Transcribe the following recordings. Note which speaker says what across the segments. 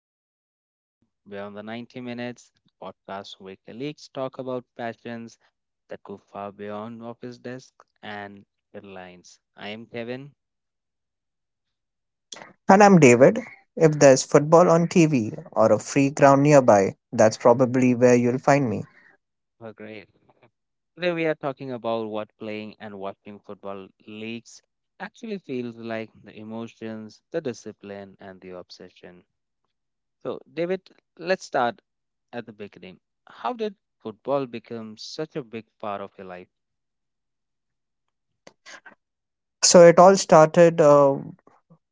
Speaker 1: and welcome to Beyond the 90 Minutes, a podcast where colleagues talk about passions that go far beyond office desks and headlines. I am Kevin.
Speaker 2: And I'm David. If there's football on TV or a free ground nearby, that's probably where you'll find me.
Speaker 1: Oh, great. Today, we are talking about what playing and watching football leagues actually feels like, the emotions, the discipline, and the obsession. So, David, let's start at the beginning. How did football become such a big part of your life?
Speaker 2: So it all started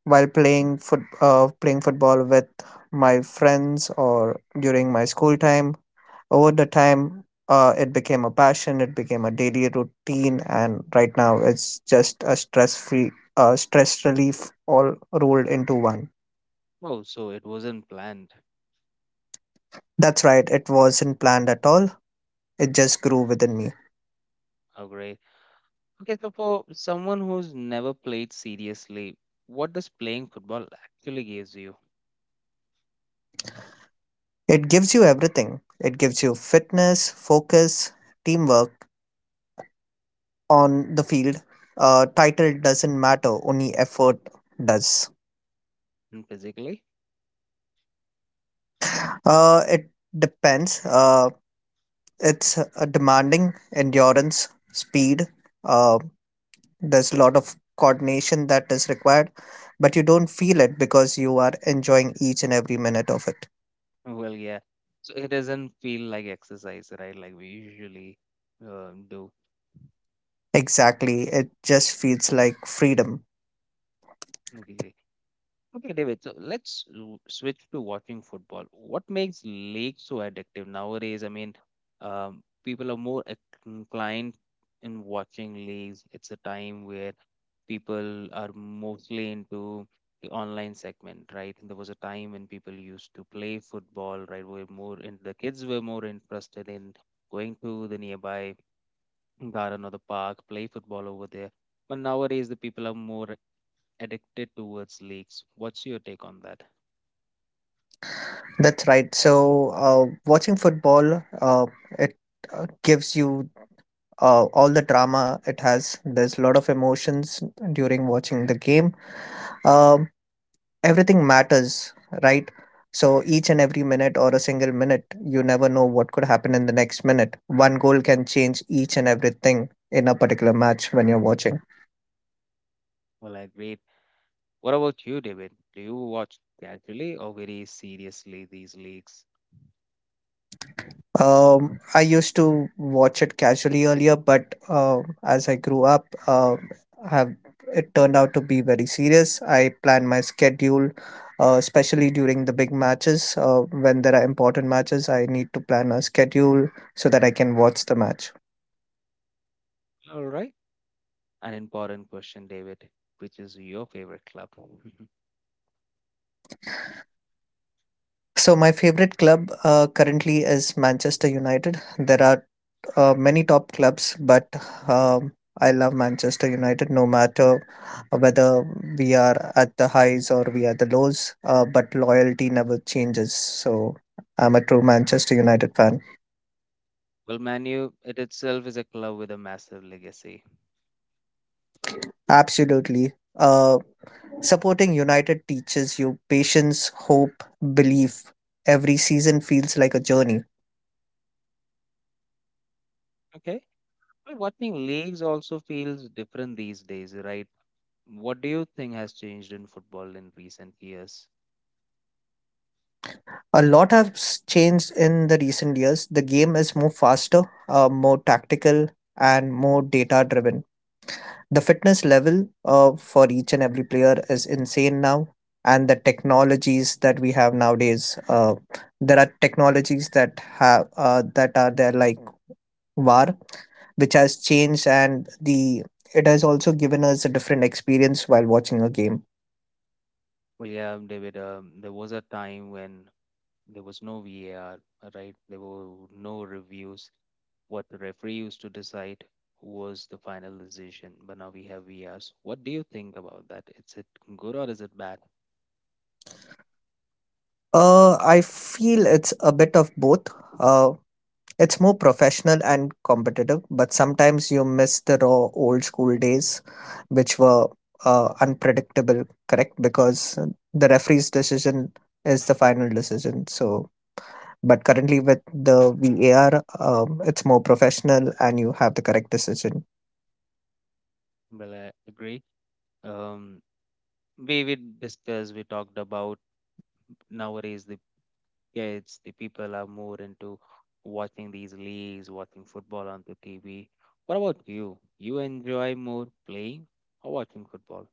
Speaker 2: while playing foot playing football with my friends or during my school time. Over the time, it became a passion. It became a daily routine, and right now it's just a stress free, stress relief all rolled into one.
Speaker 1: Oh, so it wasn't planned.
Speaker 2: That's right. It wasn't planned at all. It just grew within me.
Speaker 1: Oh, great. Okay, so for someone who's never played seriously, what does playing football actually gives you?
Speaker 2: It gives you everything. It gives you fitness, focus, teamwork on the field. Title doesn't matter, only effort does.
Speaker 1: And physically?
Speaker 2: It depends. It's demanding endurance, speed. Uh, there's a lot of coordination that is required, but you don't feel it because you are enjoying each and every minute of it.
Speaker 1: Well, yeah. So it doesn't feel like exercise, right? Like we usually do.
Speaker 2: Exactly. It just feels like freedom.
Speaker 1: Okay. Okay, David. So let's switch to watching football. What makes league so addictive nowadays? I mean, people are more inclined in watching leagues. It's a time where people are mostly into the online segment, right? There was a time when people used to play football, right? Were more in the kids were more interested in going to the nearby garden or the park, play football over there. But nowadays, the people are more addicted towards leagues. What's your take on that?
Speaker 2: That's right. So, watching football, it gives you all the drama it has. There's a lot of emotions during watching the game. Um, Everything matters, right? So, each and every minute or a single minute, you never know what could happen in the next minute. One goal can change each and everything in a particular match when you're watching.
Speaker 1: Well, I agree. What about you, David? Do you watch casually or very seriously these leagues?
Speaker 2: I used to watch it casually earlier, but as I grew up, have it turned out to be very serious. I plan my schedule, especially during the big matches. When there are important matches, I need to plan a schedule so that I can watch the match.
Speaker 1: All right. An important question, David. Which is your favorite club?
Speaker 2: So my favorite club currently is Manchester United. There are many top clubs, but um, I love Manchester United no matter whether we are at the highs or we are the lows. But loyalty never changes. So I'm a true Manchester United fan.
Speaker 1: Well, Manu, it itself is a club with a massive legacy.
Speaker 2: Absolutely. Supporting United teaches you patience, hope, belief. Every season feels like a journey.
Speaker 1: Okay. Well, watching leagues also feels different these days, right? What do you think has changed in football in recent years?
Speaker 2: A lot has changed in the recent years. The game is more faster, more tactical, and more data driven. The fitness level for each and every player is insane now, and the technologies that we have nowadays, there are technologies that are there like VAR, which has changed, and the it has also given us a different experience while watching a game.
Speaker 1: Well, yeah, David, there was a time when there was no VAR, right? There were no reviews. What the referee used to decide was the final decision. But now we have VARs. What do you think about that? Is it good or is it bad?
Speaker 2: I feel it's a bit of both. Uh, It's more professional and competitive, but sometimes you miss the raw old school days, which were unpredictable, correct? Because the referee's decision is the final decision. So, but currently with the VAR, it's more professional and you have the correct decision.
Speaker 1: Well, I agree. Um, we discussed, we talked about nowadays the kids, the people are more into watching these leagues, watching football on the TV. What about you? You enjoy more playing or watching football?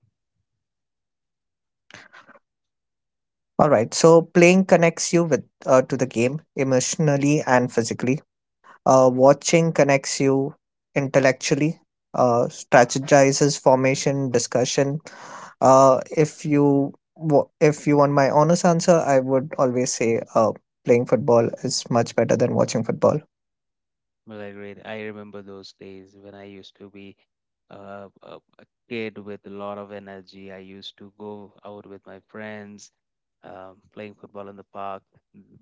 Speaker 2: All right. So playing connects you with to the game emotionally and physically. Watching connects you intellectually. Strategizes formation, discussion. If you want my honest answer, I would always say playing football is much better than watching football.
Speaker 1: Well, I agree. I remember those days when I used to be a, kid with a lot of energy. I used to go out with my friends, playing football in the park.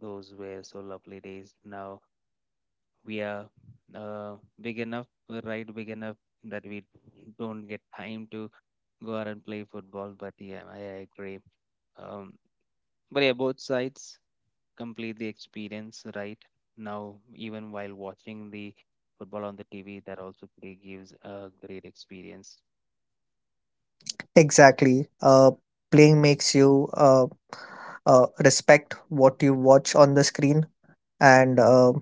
Speaker 1: Those were so lovely days. Now we are big enough, we're right big enough that we don't get time to go out and play football. But yeah, I agree. Um, but yeah, both sides complete the experience right now. Even while watching the football on the TV, that also really gives a great experience.
Speaker 2: Exactly. Playing makes you respect what you watch on the screen, and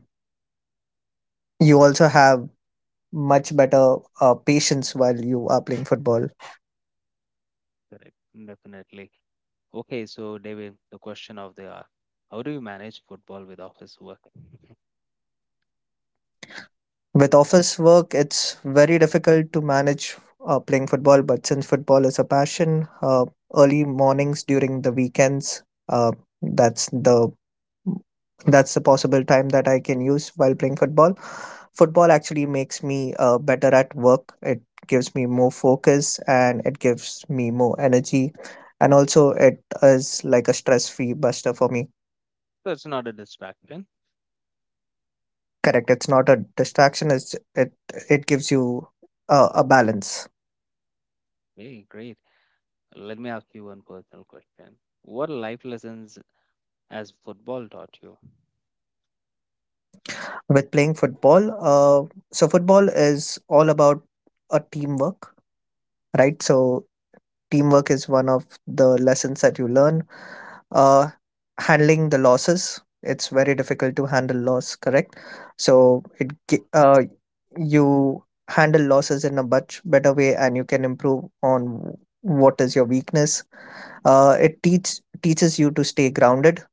Speaker 2: you also have much better patience while you are playing football.
Speaker 1: Correct. Definitely. Okay, so David, the question of the hour, how do you manage football with office work?
Speaker 2: With office work, it's very difficult to manage playing football, but since football is a passion, early mornings during the weekends, uh, that's the possible time that I can use while playing football. Football actually makes me better at work. It gives me more focus and it gives me more energy. And also, it is like a stress free buster for me.
Speaker 1: So it's not a distraction.
Speaker 2: Correct. It's not a distraction. It gives you a balance.
Speaker 1: Hey, great. Let me ask you one personal question. What life lessons has football taught you?
Speaker 2: With playing football. So football is all about a teamwork, right? So teamwork is one of the lessons that you learn. Uh, Handling the losses. It's very difficult to handle loss, correct? So it gi- uh, you handle losses in a much better way, and you can improve on what is your weakness. Uh, it teaches you to stay grounded.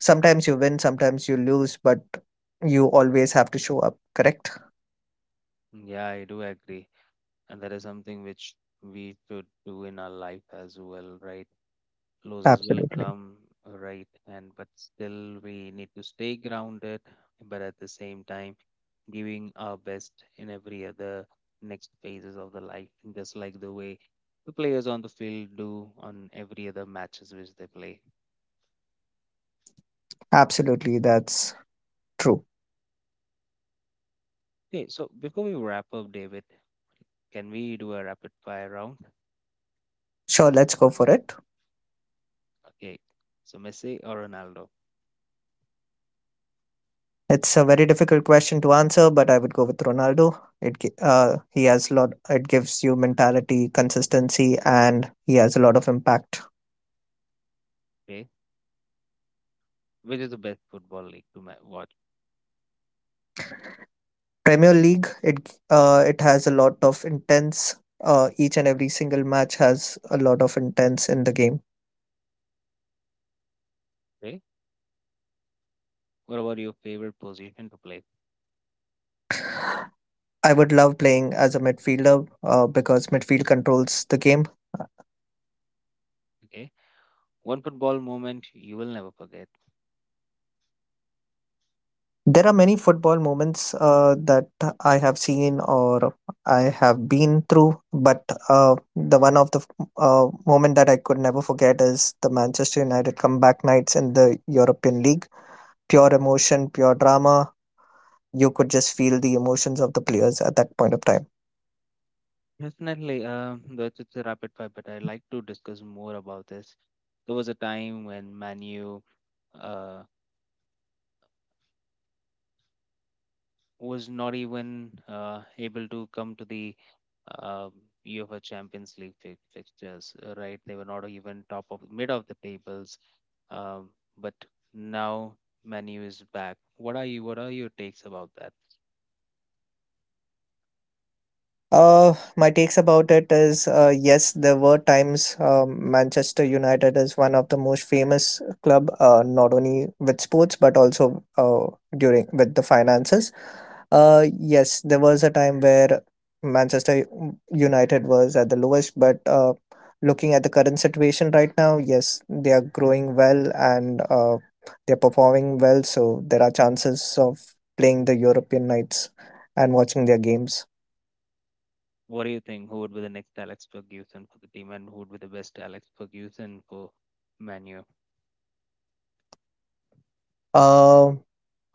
Speaker 2: Sometimes you win, sometimes you lose, but you always have to show up, correct?
Speaker 1: Mm, yeah, I do agree, and that is something which we should do in our life as well, right? Losses will
Speaker 2: Absolutely.
Speaker 1: come, right? And but still, we need to stay grounded, but at the same time, giving our best in every other next phases of the life, just like the way the players on the field do on every other matches which they play.
Speaker 2: Absolutely. That's true.
Speaker 1: Okay, so before we wrap up, David, can we do a rapid fire round?
Speaker 2: Sure, let's go for it.
Speaker 1: Okay, so Messi or Ronaldo?
Speaker 2: It's a very difficult question to answer, but I would go with Ronaldo. He has lot. It gives you mentality, consistency, and he has a lot of impact.
Speaker 1: Okay, which is the best football league to watch?
Speaker 2: Premier League, it has a lot of intense. Each and every single match has a lot of intense in the game.
Speaker 1: Okay, what about your favorite position to play?
Speaker 2: I would love playing as a midfielder because midfield controls the game.
Speaker 1: Okay. One football moment you will never forget.
Speaker 2: There are many football moments that I have seen or I have been through, but the one moment that I could never forget is the Manchester United comeback nights in the European League. Pure emotion, pure drama. You could just feel the emotions of the players at that point of time.
Speaker 1: Definitely, that's it's a rapid fire, but I like to discuss more about this. There was a time when Manu uh, was not even able to come to the uh, UEFA Champions League fixtures, right? They were not even top of mid of the tables, um, but now Manu is back. What are you? What are your takes about that?
Speaker 2: My takes about it is yes, there were times Manchester United is one of the most famous club, not only with sports but also during with the finances. Yes, there was a time where United was at the lowest, but looking at the current situation right now, yes, they are growing well and they're performing well, so there are chances of playing the European nights and watching their games.
Speaker 1: What do you think? Who would be the next Alex Ferguson for the team, and who would be the best Alex Ferguson for Manu?
Speaker 2: Uh,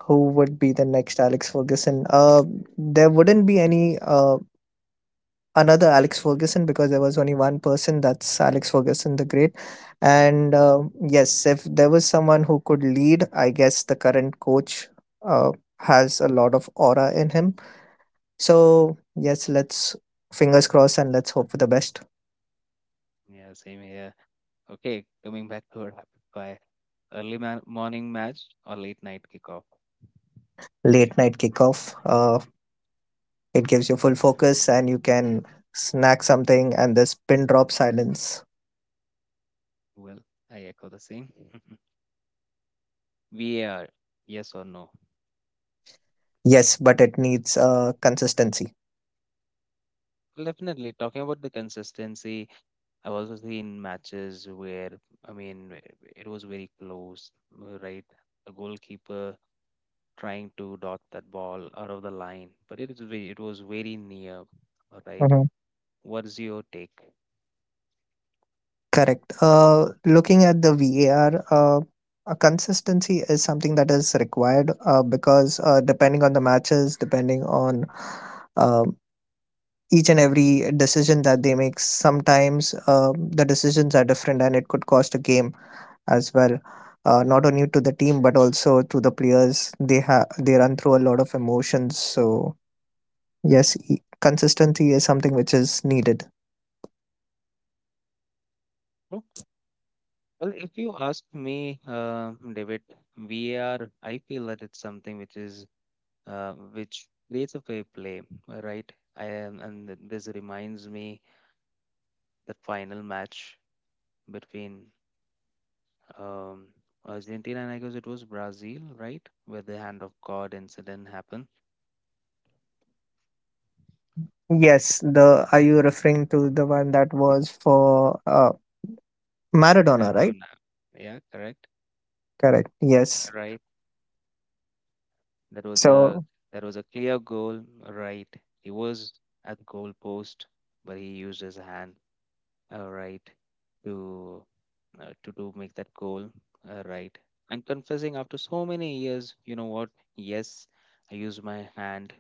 Speaker 2: who would be the next Alex Ferguson? There wouldn't be any another Alex Ferguson because there was only one person, that's Alex Ferguson the Great. And yes, if there was someone who could lead, I guess the current coach uh, has a lot of aura in him. So, yes, let's fingers crossed and let's hope for the best.
Speaker 1: Yeah, same here. Okay, coming back to our rapid fire. Early morning match or late night kickoff?
Speaker 2: Late night kickoff, it gives you full focus and you can snack something and this pin drop silence.
Speaker 1: Well, I echo the same. VAR, yes or no?
Speaker 2: Yes, but it needs consistency.
Speaker 1: Well, definitely. Talking about the consistency, I've also seen matches where, I mean, it was very close, right? The goalkeeper trying to dot that ball out of the line, but it is very, it was very near. All right,
Speaker 2: Mhm.
Speaker 1: what's your take?
Speaker 2: Correct. Looking at the VAR, a consistency is something that is required because depending on the matches, depending on um each and every decision that they make, sometimes the decisions are different and it could cost a game as well. Not only to the team but also to the players. They run through a lot of emotions. So yes, consistency is something which is needed.
Speaker 1: Oh, well, if you ask me, David, VAR, I feel that it's something which is which creates a fair play, right? I am, and this reminds me that final match between um, Argentina and I guess it was Brazil, right, where the hand of God incident happened.
Speaker 2: Yes, the are you referring to the one that was for
Speaker 1: I
Speaker 2: Maradona, right?
Speaker 1: don't know. Yeah, correct.
Speaker 2: Correct. Yes.
Speaker 1: Right. That was a
Speaker 2: So
Speaker 1: clear goal, right? He was at the goal post, but he used his hand, right, to to do make that goal, right? And confessing after so many years, you know what? Yes, I used my hand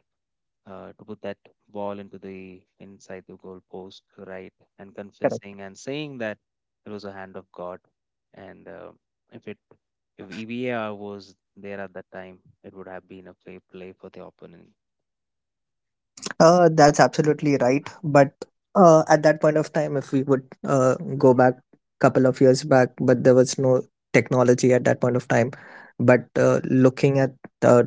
Speaker 1: to put that ball into the inside the goal post, right? And
Speaker 2: correct.
Speaker 1: confessing and saying that it was a hand of God. And if it if EVAR was there at that time, it would have been a play for the opponent.
Speaker 2: That's absolutely right. But at that point of time, if we would go back couple of years back, but there was no technology at that point of time. But looking at uh,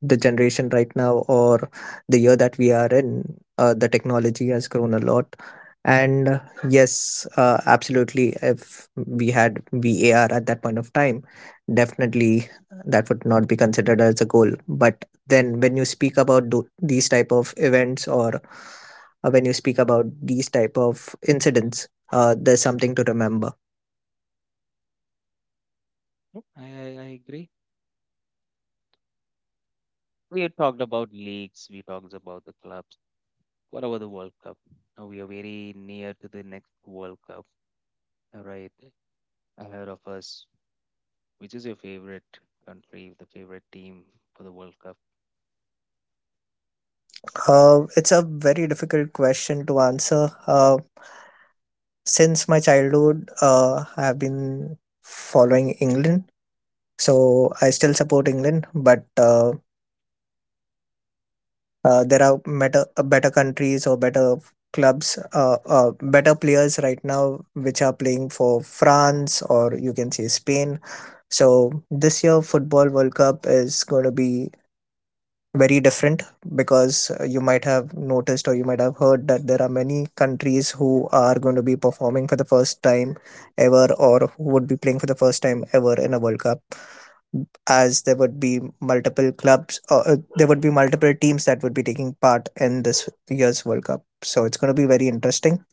Speaker 2: the generation right now or the year that we are in, the technology has grown a lot. And yes, absolutely. If we had VAR at that point of time, definitely that would not be considered as a goal. But then when you speak about these type of events or when you speak about these type of incidents, there's something to remember.
Speaker 1: Yep. I agree. We had talked about leagues, we talked about the clubs. What about the World Cup? Now we are very near to the next World Cup, right? Ahead of us. Which is your favorite country, the favorite team for the World Cup?
Speaker 2: It's a very difficult question to answer. Since my childhood, I have been following England. So I still support England, but there are better better countries or better clubs, better players right now which are playing for France or you can say Spain. So this year Football World Cup is going to be very different because you might have noticed or you might have heard that there are many countries who are going to be performing for the first time ever or who would be playing for the first time ever in a World Cup, as there would be multiple clubs or there would be multiple teams that would be taking part in this year's World Cup. So it's going to be very interesting.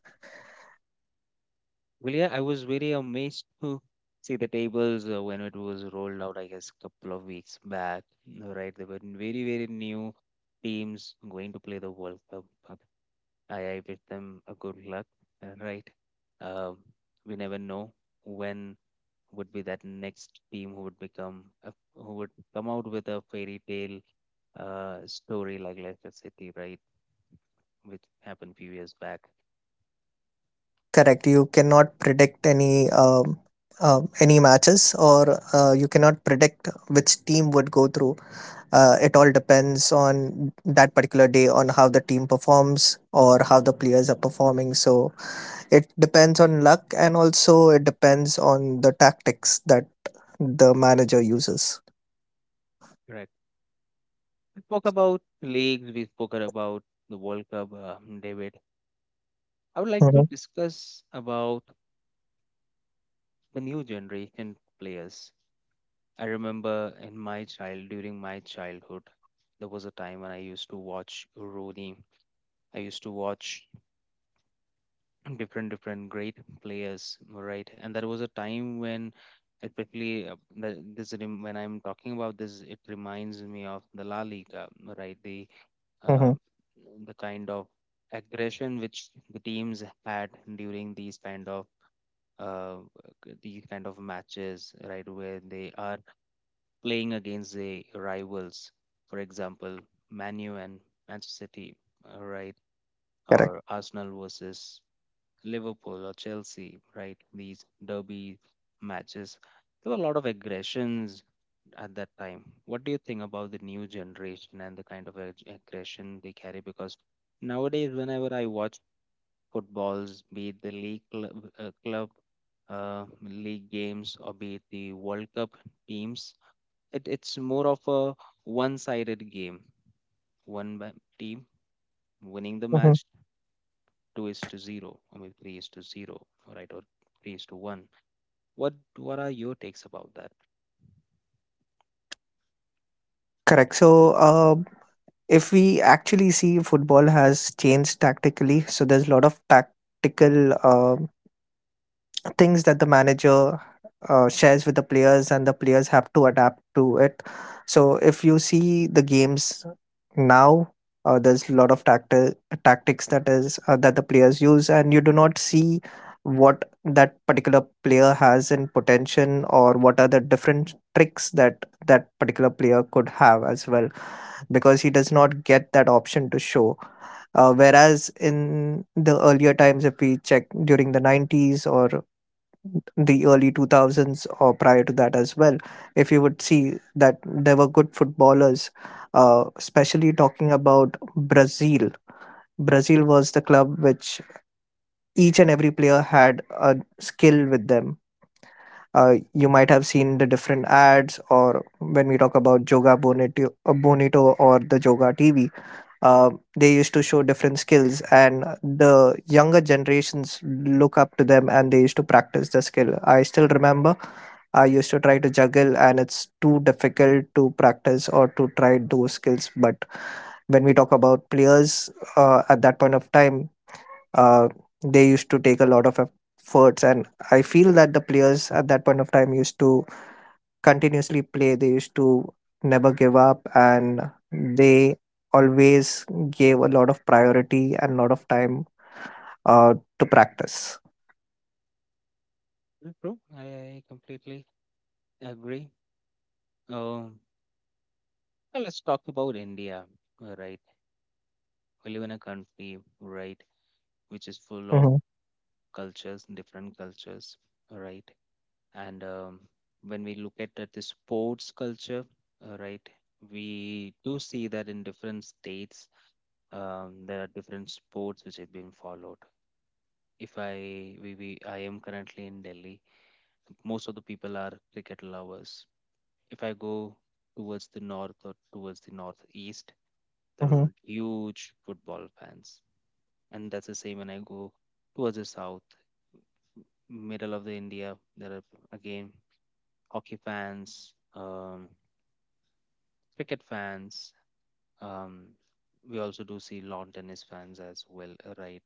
Speaker 1: Well, yeah, I was very amazed to see the tables when it was rolled out, I guess, a couple of weeks back, right? There were very, very new teams going to play the World Cup. I wish them a good luck, right? Um, we never know when would be that next team who would become, who would come out with a fairy tale story like Leicester City, right? Which happened few years back.
Speaker 2: Correct. You cannot predict any matches or you cannot predict which team would go through. It all depends on that particular day on how the team performs or how the players are performing. So it depends on luck and also it depends on the tactics that the manager uses.
Speaker 1: We spoke about leagues, we spoke about the World Cup, David. I would like to
Speaker 2: hmm
Speaker 1: discuss about the new generation players. I remember in my child, during my childhood, there was a time when I used to watch Rooney. I used to watch different, different great players, right? And there was a time when, especially when I'm talking about this, it reminds me of the La Liga, right? Uh,
Speaker 2: hmm
Speaker 1: the kind of aggression which the teams had during uh, these kind of matches, right, where they are playing against the rivals, for example, Manu and Manchester City, right,
Speaker 2: Correct.
Speaker 1: or Arsenal versus Liverpool or Chelsea, right? These derby matches, there were a lot of aggressions at that time. What do you think about the new generation and the kind of aggression they carry? Because nowadays, whenever I watch footballs, be it the league club, uh, club league games, or be it the World Cup teams, it's more of a one-sided game. One ba- Team winning the
Speaker 2: hmm
Speaker 1: match two is to zero, or maybe three is to zero, right? Or three is to one. What are your takes about that?
Speaker 2: Correct. So, if we actually see football has changed tactically, so there's a lot of tactical. Things that the manager shares with the players, and the players have to adapt to it. So if you see the games now, there's a lot of tactics that is that the players use, and you do not see what that particular player has in potential or what are the different tricks that particular player could have as well, because he does not get that option to show. Uh, whereas in the earlier times, if we check during the nineties or the early 2000s or prior to that as well, if you would see that there were good footballers. Uh, especially talking about Brazil, Brazil was the club which, each and every player had a skill with them. Uh, you might have seen the different ads, or when we talk about joga bonito, bonito, or the joga TV, uh, they used to show different skills, and the younger generations look up to them and they used to practice the skill. I still remember I used to try to juggle and it's too difficult to practice or to try those skills. But when we talk about players, at that point of time, uh, they used to take a lot of efforts, and I feel that the players at that point of time used to continuously play. They used to never give up, and they always gave a lot of priority and lot of time, to practice.
Speaker 1: Bro, I completely agree. Um, Now let's talk about India, right? We live in a country, right, which is full of
Speaker 2: Hmm
Speaker 1: cultures, different cultures, right? And when we look at the sports culture, right, we do see that in different states, there are different sports which have been followed. If I we I am currently in Delhi, most of the people are cricket lovers. If I go towards the north or towards the northeast, there
Speaker 2: hmm
Speaker 1: are huge football fans, and that's the same when I go towards the south, middle of the India. There are again hockey fans, cricket fans. Um, we also do see lawn tennis fans as well, right?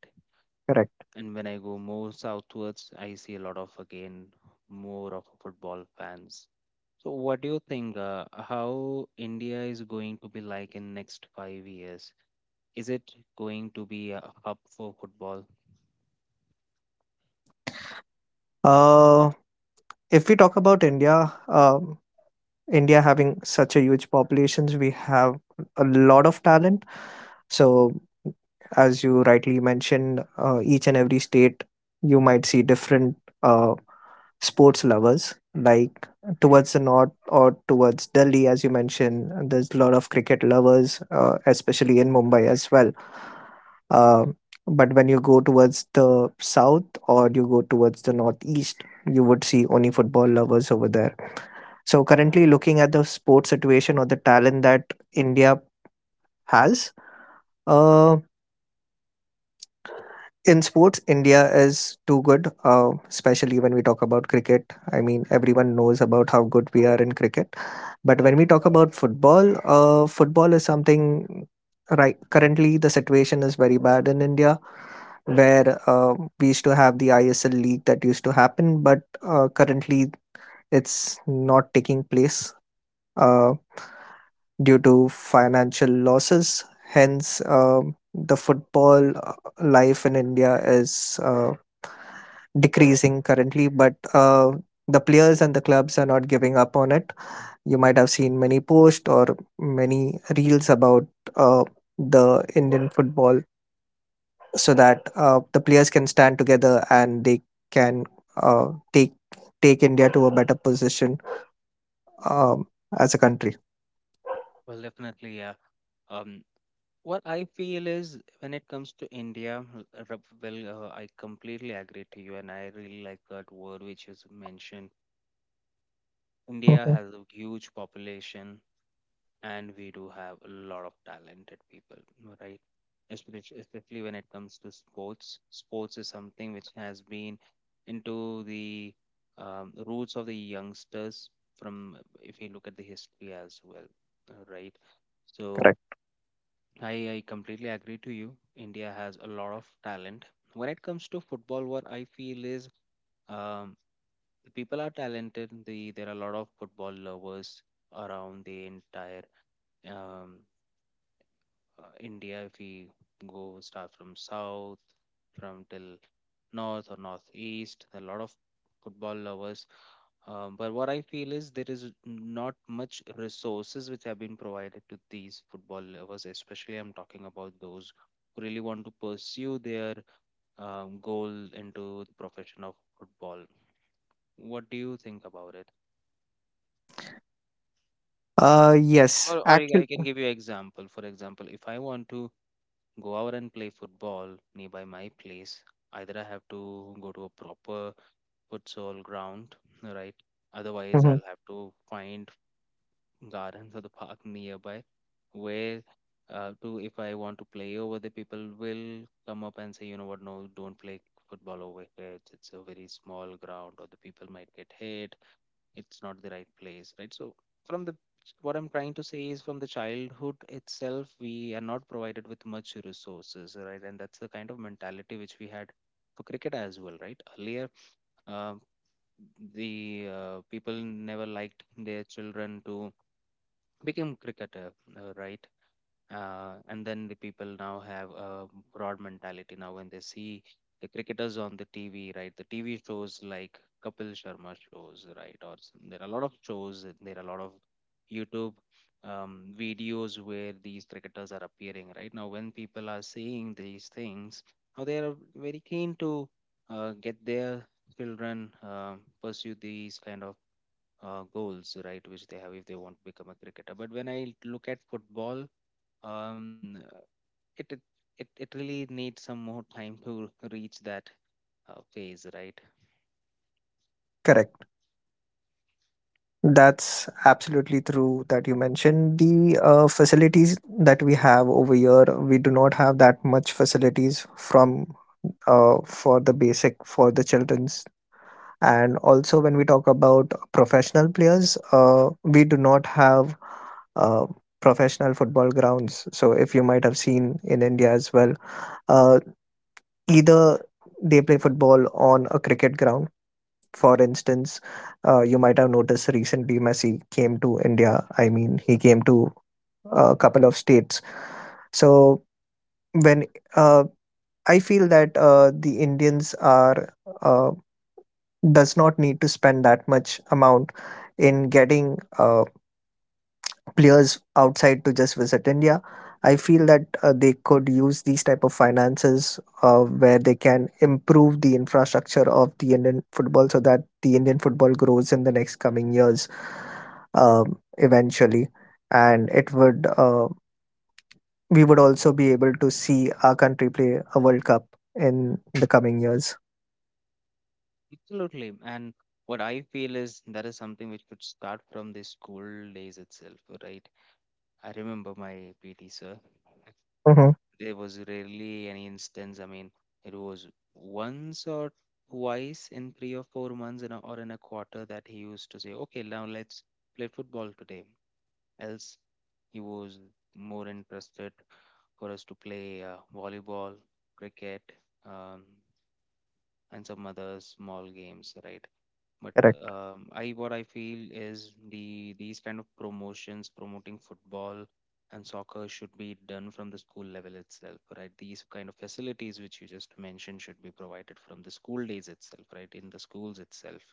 Speaker 2: Correct.
Speaker 1: And when I go more southwards, I see a lot of again more of football fans. So, what do you think? How India is going to be like in next 5 years? Is it going to be a hub for football?
Speaker 2: Uh, if we talk about India, India having such a huge populations, we have a lot of talent. So, as you rightly mentioned, each and every state, you might see different uh, sports lovers. Like towards the north or towards Delhi, as you mentioned, there's a lot of cricket lovers, especially in Mumbai as well. Uh, but when you go towards the south or you go towards the northeast, you would see only football lovers over there. So currently, looking at the sports situation or the talent that India has, uh, in sports, India is too good, especially when we talk about cricket. I mean, everyone knows about how good we are in cricket. But when we talk about football, football is something, right. Currently, the situation is very bad in India, where we used to have the ISL league that used to happen, but currently it's not taking place. Uh, Due to financial losses. Hence, the football life in India is decreasing currently, but the players and the clubs are not giving up on it. You might have seen many posts or many reels about uh, the Indian football, so that the players can stand together and they can take India to a better position, um, as a country.
Speaker 1: Well, definitely, yeah. Um, What I feel is when it comes to India, well, I completely agree to you, and I really like that word which is mentioned. India
Speaker 2: Mhm.
Speaker 1: has a huge population, and we do have a lot of talented people, right? Especially, especially when it comes to sports. Sports is something which has been into the roots of the youngsters from, if you look at the history as well, right? So. I completely agree to you. India has a lot of talent. When it comes to football, what I feel is um, the people are talented. There are a lot of football lovers around the entire um, India. If we go start from south, from till north or northeast, there are a lot of football lovers but what I feel is there is not much resources which have been provided to these football lovers, especially I'm talking about those who really want to pursue their goal into the profession of football. What do you think about it?
Speaker 2: Uh, yes,
Speaker 1: Or I
Speaker 2: actually,
Speaker 1: I can give you example. For example, if I want to go out and play football nearby my place, either I have to go to a proper futsal ground, right? Otherwise,
Speaker 2: Mhm.
Speaker 1: I'll have to find gardens or the park nearby where to if I want to play over, the people will come up and say, you know what, no, don't play football over here. It's a very small ground or the people might get hit. It's not the right place, right? So from the what I'm trying to say is from the childhood itself, we are not provided with much resources, right? And that's the kind of mentality which we had for cricket as well, right? Earlier, uh, the people never liked their children to became cricketer, right? And then the people now have a broad mentality now when they see the cricketers on the TV, right? The TV shows like Kapil Sharma shows, right? There are a lot of shows, there are a lot of YouTube videos where these cricketers are appearing, right? Now, when people are seeing these things, now they are very keen to get their children pursue these kind of goals, right, which they have if they want to become a cricketer. But when I look at football, um, uh, it it it really needs some more time to reach that phase, right?
Speaker 2: Correct. That's absolutely true that you mentioned. The facilities that we have over here, we do not have that much facilities from for the basic, for the children's. And also, when we talk about professional players, we do not have uh, professional football grounds. So, if you might have seen in India as well, uh, either they play football on a cricket ground. For instance, you might have noticed recently Messi came to India. I mean, he came to a couple of states. So when uh, I feel that the Indians are, uh, does not need to spend that much amount in getting players outside to just visit India. I feel that they could use these type of finances, where they can improve the infrastructure of the Indian football, so that the Indian football grows in the next coming years, eventually. And it would, we would also be able to see our country play a World Cup in the coming years.
Speaker 1: Absolutely. And what I feel is that is something which could start from the school days itself, right? I remember my PT sir.
Speaker 2: Hmm
Speaker 1: There was rarely any instance. I mean, it was once or twice in three or four months or in a quarter that he used to say, "Okay, now let's play football today." Else he was more interested for us to play volleyball, cricket, um, and some other small games, right? But
Speaker 2: Correct.
Speaker 1: I What I feel is these kind of promotions promoting football and soccer should be done from the school level itself, right? These kind of facilities which you just mentioned should be provided from the school days itself, right? In the schools itself.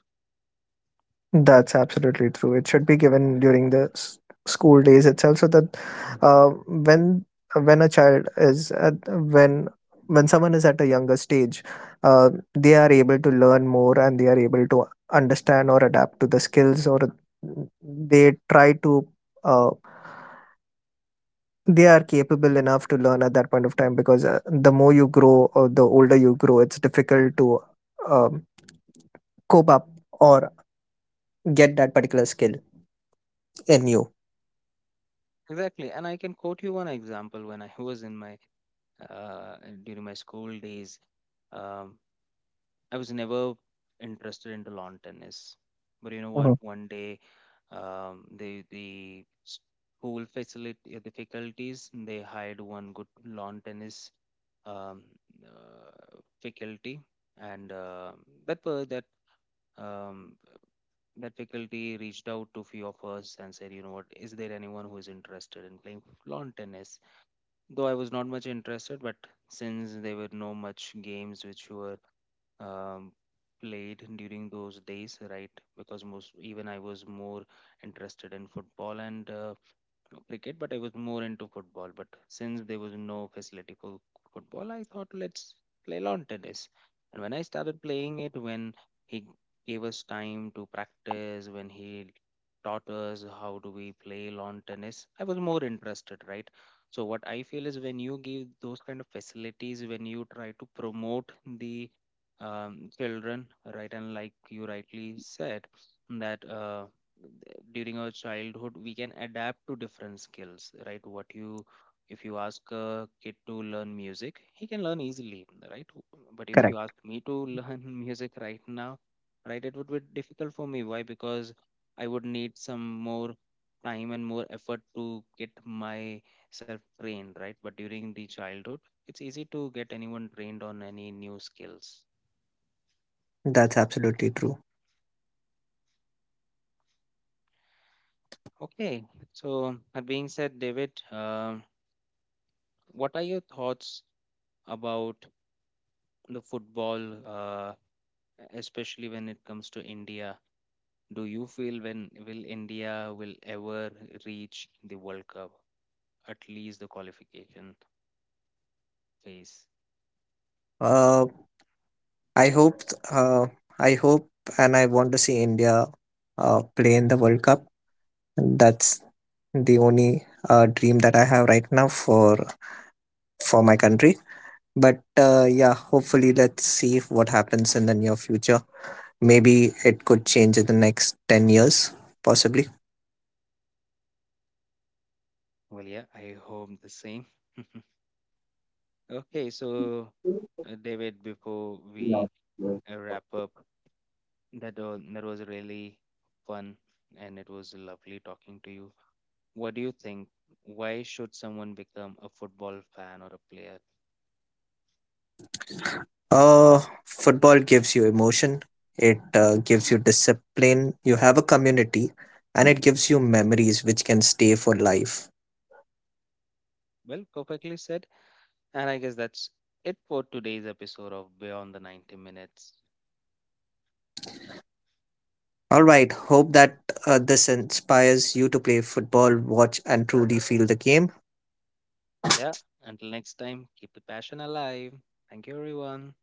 Speaker 2: That's absolutely true. It should be given during the school days itself, so that uh, when when a child is at, when someone is at a younger stage, uh, they are able to learn more and they are able to understand or adapt to the skills, or they try to, uh, they are capable enough to learn at that point of time, because the more you grow or the older you grow, it's difficult to um, cope up or get that particular skill in you.
Speaker 1: Exactly. And I can quote you one example when I was in my and during my school days. Um, I was never interested into lawn tennis, but you know what?
Speaker 2: Mhm.
Speaker 1: One day, the school facility, the faculties, they hired one good lawn tennis um, uh, faculty, and that per that um, that faculty reached out to few of us and said, you know what? Is there anyone who is interested in playing lawn tennis? Though I was not much interested, but since there were no much games which were um, played during those days, right? Because most Even I was more interested in football and cricket, but I was more into football. But since there was no facility for football, I thought let's play lawn tennis. And when I started playing it, when he gave us time to practice, when he taught us how do we play lawn tennis, I was more interested, right? So what I feel is when you give those kind of facilities, when you try to promote the children, right? And like you rightly said, that during our childhood we can adapt to different skills, right? what you If you ask a kid to learn music, he can learn easily, right? But if you
Speaker 2: Correct.
Speaker 1: ask me to learn music right now, right, it would be difficult for me. Why? Because I would need some more time and more effort to get myself trained, right? But during the childhood, it's easy to get anyone trained on any new skills.
Speaker 2: That's absolutely true.
Speaker 1: Okay, so that being said, David, what are your thoughts about the football, especially when it comes to India? Do you feel when will India will ever reach the World Cup, at least the qualification phase?
Speaker 2: Uh, I hope, uh, I hope, and I want to see India play in the World Cup. That's the only dream that I have right now for my country. But yeah, hopefully, let's see what happens in the near future. Maybe it could change in the next 10 years, possibly.
Speaker 1: Well, yeah, I hope the same. Okay, so David, before we wrap up, that was really fun and it was lovely talking to you. What do you think? Why should someone become a football fan or a player?
Speaker 2: Uh, Football gives you emotion, it gives you discipline, you have a community, and it gives you memories which can stay for life.
Speaker 1: Well, perfectly said. And I guess that's it for today's episode of Beyond the 90 Minutes.
Speaker 2: All right, hope that this inspires you to play football, watch, and truly feel the game.
Speaker 1: Yeah, until next time, keep the passion alive. Thank you, everyone.